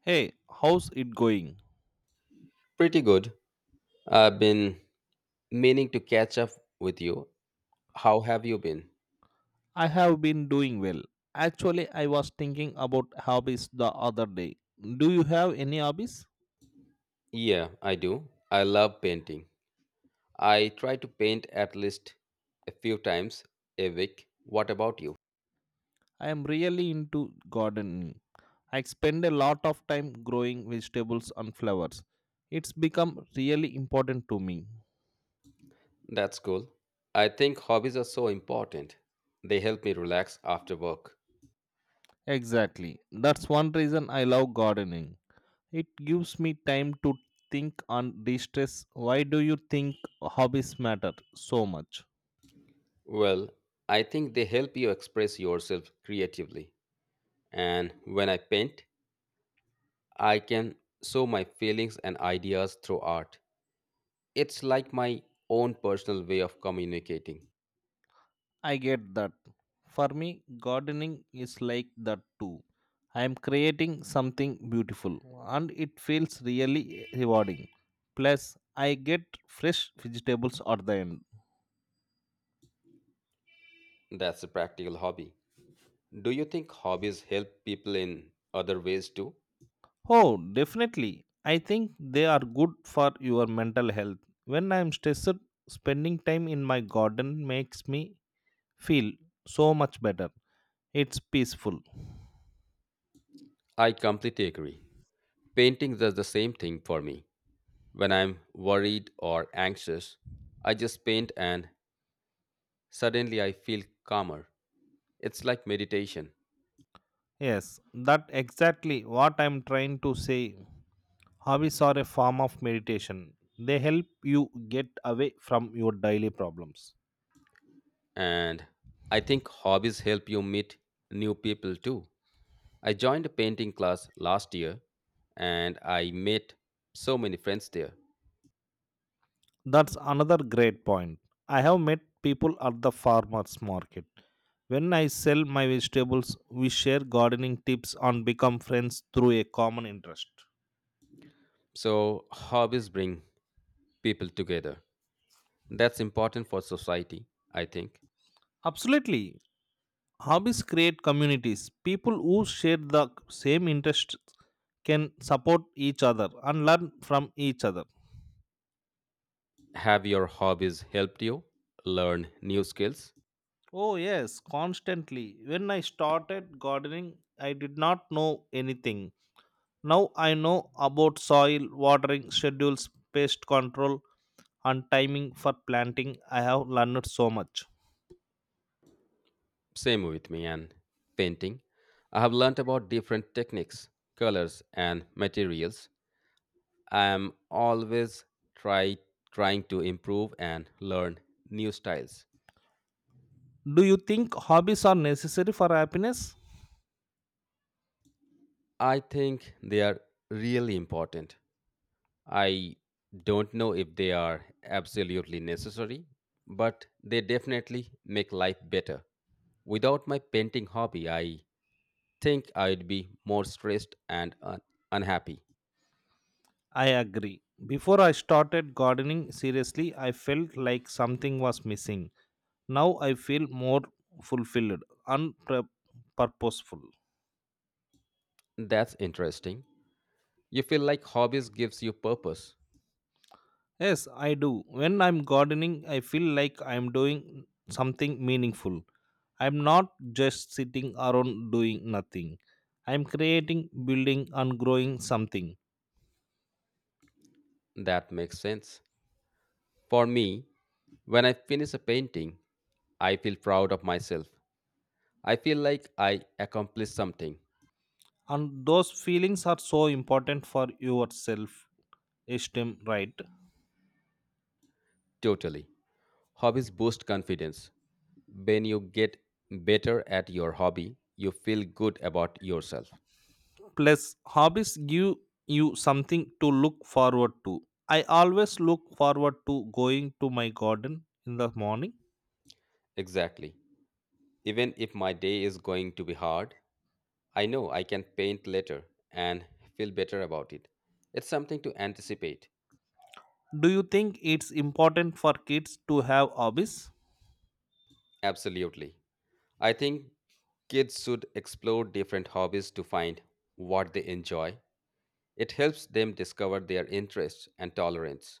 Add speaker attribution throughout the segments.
Speaker 1: Hey, how's it going?
Speaker 2: Pretty good. I've been meaning to catch up with you. How have you been?
Speaker 1: I have been doing well. Actually, I was thinking about hobbies the other day. Do you have any hobbies?
Speaker 2: Yeah, I do. I love painting. I try to paint at least a few times a week. What about you?
Speaker 1: I am really into gardening. I spend a lot of time growing vegetables and flowers. It's become really important to me.
Speaker 2: That's cool. I think hobbies are so important. They help me relax after work.
Speaker 1: Exactly. That's one reason I love gardening. It gives me time to think and de-stress. Why do you think hobbies matter so much?
Speaker 2: Well, I think they help you express yourself creatively. And when I paint, I can show my feelings and ideas through art. It's like my own personal way of communicating.
Speaker 1: I get that. For me, gardening is like that too. I am creating something beautiful and it feels really rewarding. Plus, I get fresh vegetables at the end.
Speaker 2: That's a practical hobby. Do you think hobbies help people in other ways too?
Speaker 1: Oh, definitely. I think they are good for your mental health. When I am stressed, spending time in my garden makes me feel so much better. It's peaceful.
Speaker 2: I completely agree. Painting does the same thing for me. When I'm worried or anxious, I just paint and suddenly I feel calmer. It's like meditation.
Speaker 1: Yes, that exactly what I'm trying to say. Hobbies are a form of meditation. They help you get away from your daily problems.
Speaker 2: And I think hobbies help you meet new people too. I joined a painting class last year and I met so many friends there.
Speaker 1: That's another great point. I have met people at the farmers market. When I sell my vegetables, we share gardening tips and become friends through a common interest.
Speaker 2: So, hobbies bring people together. That's important for society, I think.
Speaker 1: Absolutely. Hobbies create communities. People who share the same interests can support each other and learn from each other.
Speaker 2: Have your hobbies helped you learn new skills?
Speaker 1: Oh, yes, constantly. When I started gardening, I did not know anything. Now I know about soil, watering schedules, pest control, and timing for planting. I have learned so much.
Speaker 2: Same with me and painting. I have learnt about different techniques, colors, and materials. I am always try, trying to improve and learn new styles.
Speaker 1: Do you think hobbies are necessary for happiness?
Speaker 2: I think they are really important. I don't know if they are absolutely necessary, but they definitely make life better. Without my painting hobby, I think I'd be more stressed and unhappy.
Speaker 1: I agree. Before I started gardening seriously, I felt like something was missing. Now I feel more fulfilled and purposeful.
Speaker 2: That's interesting. You feel like hobbies gives you purpose.
Speaker 1: Yes, I do. When I'm gardening, I feel like I'm doing something meaningful. I'm not just sitting around doing nothing. I'm creating, building, and growing something.
Speaker 2: That makes sense. For me, when I finish a painting, I feel proud of myself. I feel like I accomplished something.
Speaker 1: And those feelings are so important for your self esteem, right?
Speaker 2: Totally. Hobbies boost confidence. When you get better at your hobby, you feel good about yourself.
Speaker 1: Plus, hobbies give you something to look forward to. I always look forward to going to my garden in the morning.
Speaker 2: Exactly. Even if my day is going to be hard, I know I can paint later and feel better about it. It's something to anticipate.
Speaker 1: Do you think it's important for kids to have hobbies?
Speaker 2: Absolutely. I think kids should explore different hobbies to find what they enjoy. It helps them discover their interests and tolerance.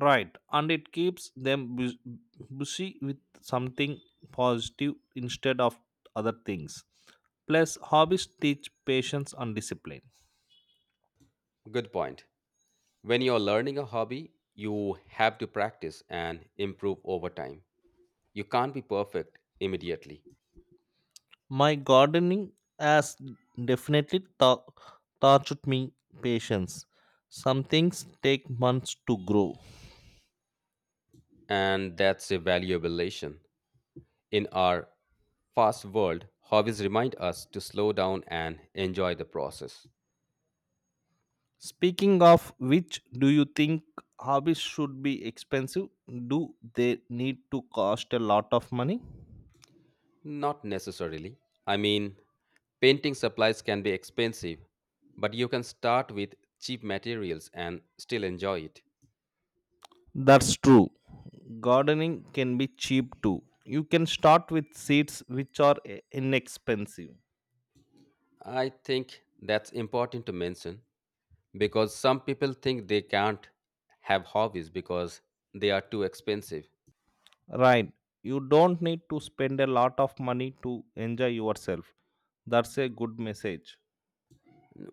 Speaker 1: Right, and it keeps them busy with something positive instead of other things. Plus, hobbies teach patience and discipline.
Speaker 2: Good point. When you're learning a hobby, you have to practice and improve over time. You can't be perfect immediately.
Speaker 1: My gardening has definitely taught me patience. Some things take months to grow.
Speaker 2: And that's a valuable lesson. In our fast world, hobbies remind us to slow down and enjoy the process.
Speaker 1: Speaking of which, do you think hobbies should be expensive? Do they need to cost a lot of money?
Speaker 2: Not necessarily. I mean, painting supplies can be expensive, but you can start with cheap materials and still enjoy it.
Speaker 1: That's true. Gardening can be cheap too. You can start with seeds which are inexpensive.
Speaker 2: I think that's important to mention because some people think they can't have hobbies because they are too expensive.
Speaker 1: Right. You don't need to spend a lot of money to enjoy yourself. That's a good message.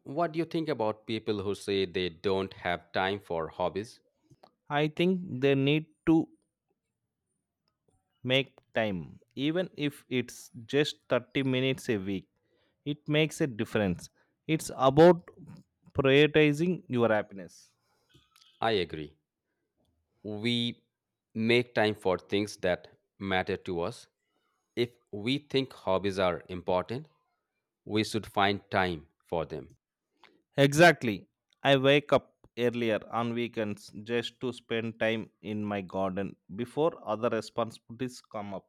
Speaker 2: What do you think about people who say they don't have time for hobbies?
Speaker 1: I think they need to make time, even if it's just 30 minutes a week. It makes a difference. It's about prioritizing your happiness.
Speaker 2: I agree. We make time for things that matter to us. If we think hobbies are important, we should find time for them.
Speaker 1: Exactly. I wake up earlier on weekends just to spend time in my garden before other responsibilities come up.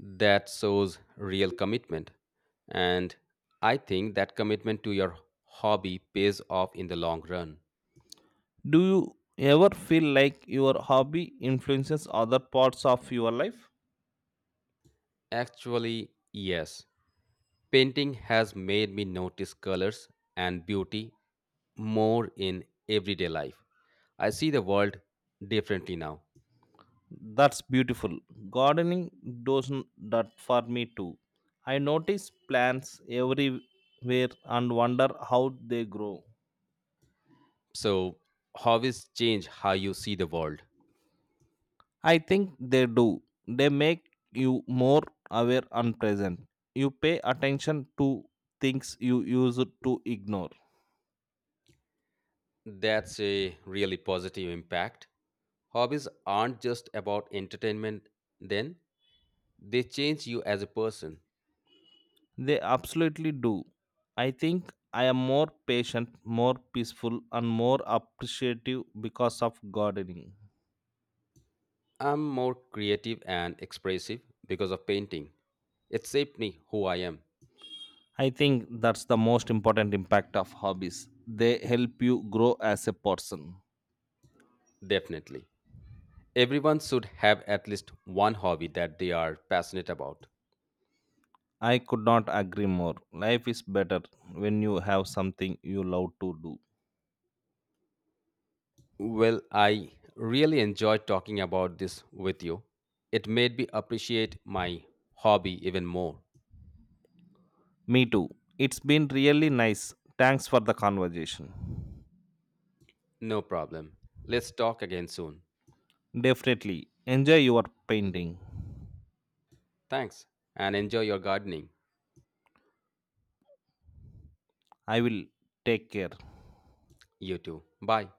Speaker 2: That shows real commitment. And I think that commitment to your hobby pays off in the long run.
Speaker 1: Do you ever feel like your hobby influences other parts of your life?
Speaker 2: Actually, yes. Painting has made me notice colors and beauty more in everyday life. I see the world differently now.
Speaker 1: That's beautiful. Gardening does n- that for me too. I notice plants everywhere and wonder how they grow.
Speaker 2: So, hobbies change how you see the world.
Speaker 1: I think they do. They make you more aware and present. You pay attention to things you used to ignore.
Speaker 2: That's a really positive impact. Hobbies aren't just about entertainment, then, they change you as a person.
Speaker 1: They absolutely do. I think I am more patient, more peaceful, and more appreciative because of gardening.
Speaker 2: I'm more creative and expressive because of painting. It shaped me who I am,
Speaker 1: I think that's the most important impact of hobbies. They help you grow as a person.
Speaker 2: definitely. Everyone should have at least one hobby that they are passionate about.
Speaker 1: I could not agree more. Life is better when you have something you love to do.
Speaker 2: Well, I really enjoyed talking about this with you. It made me appreciate my hobby even more.
Speaker 1: Me too. It's been really nice. Thanks for the conversation.
Speaker 2: No problem. Let's talk again soon.
Speaker 1: Definitely. Enjoy your painting.
Speaker 2: Thanks and enjoy your gardening.
Speaker 1: I will take care.
Speaker 2: You too. Bye.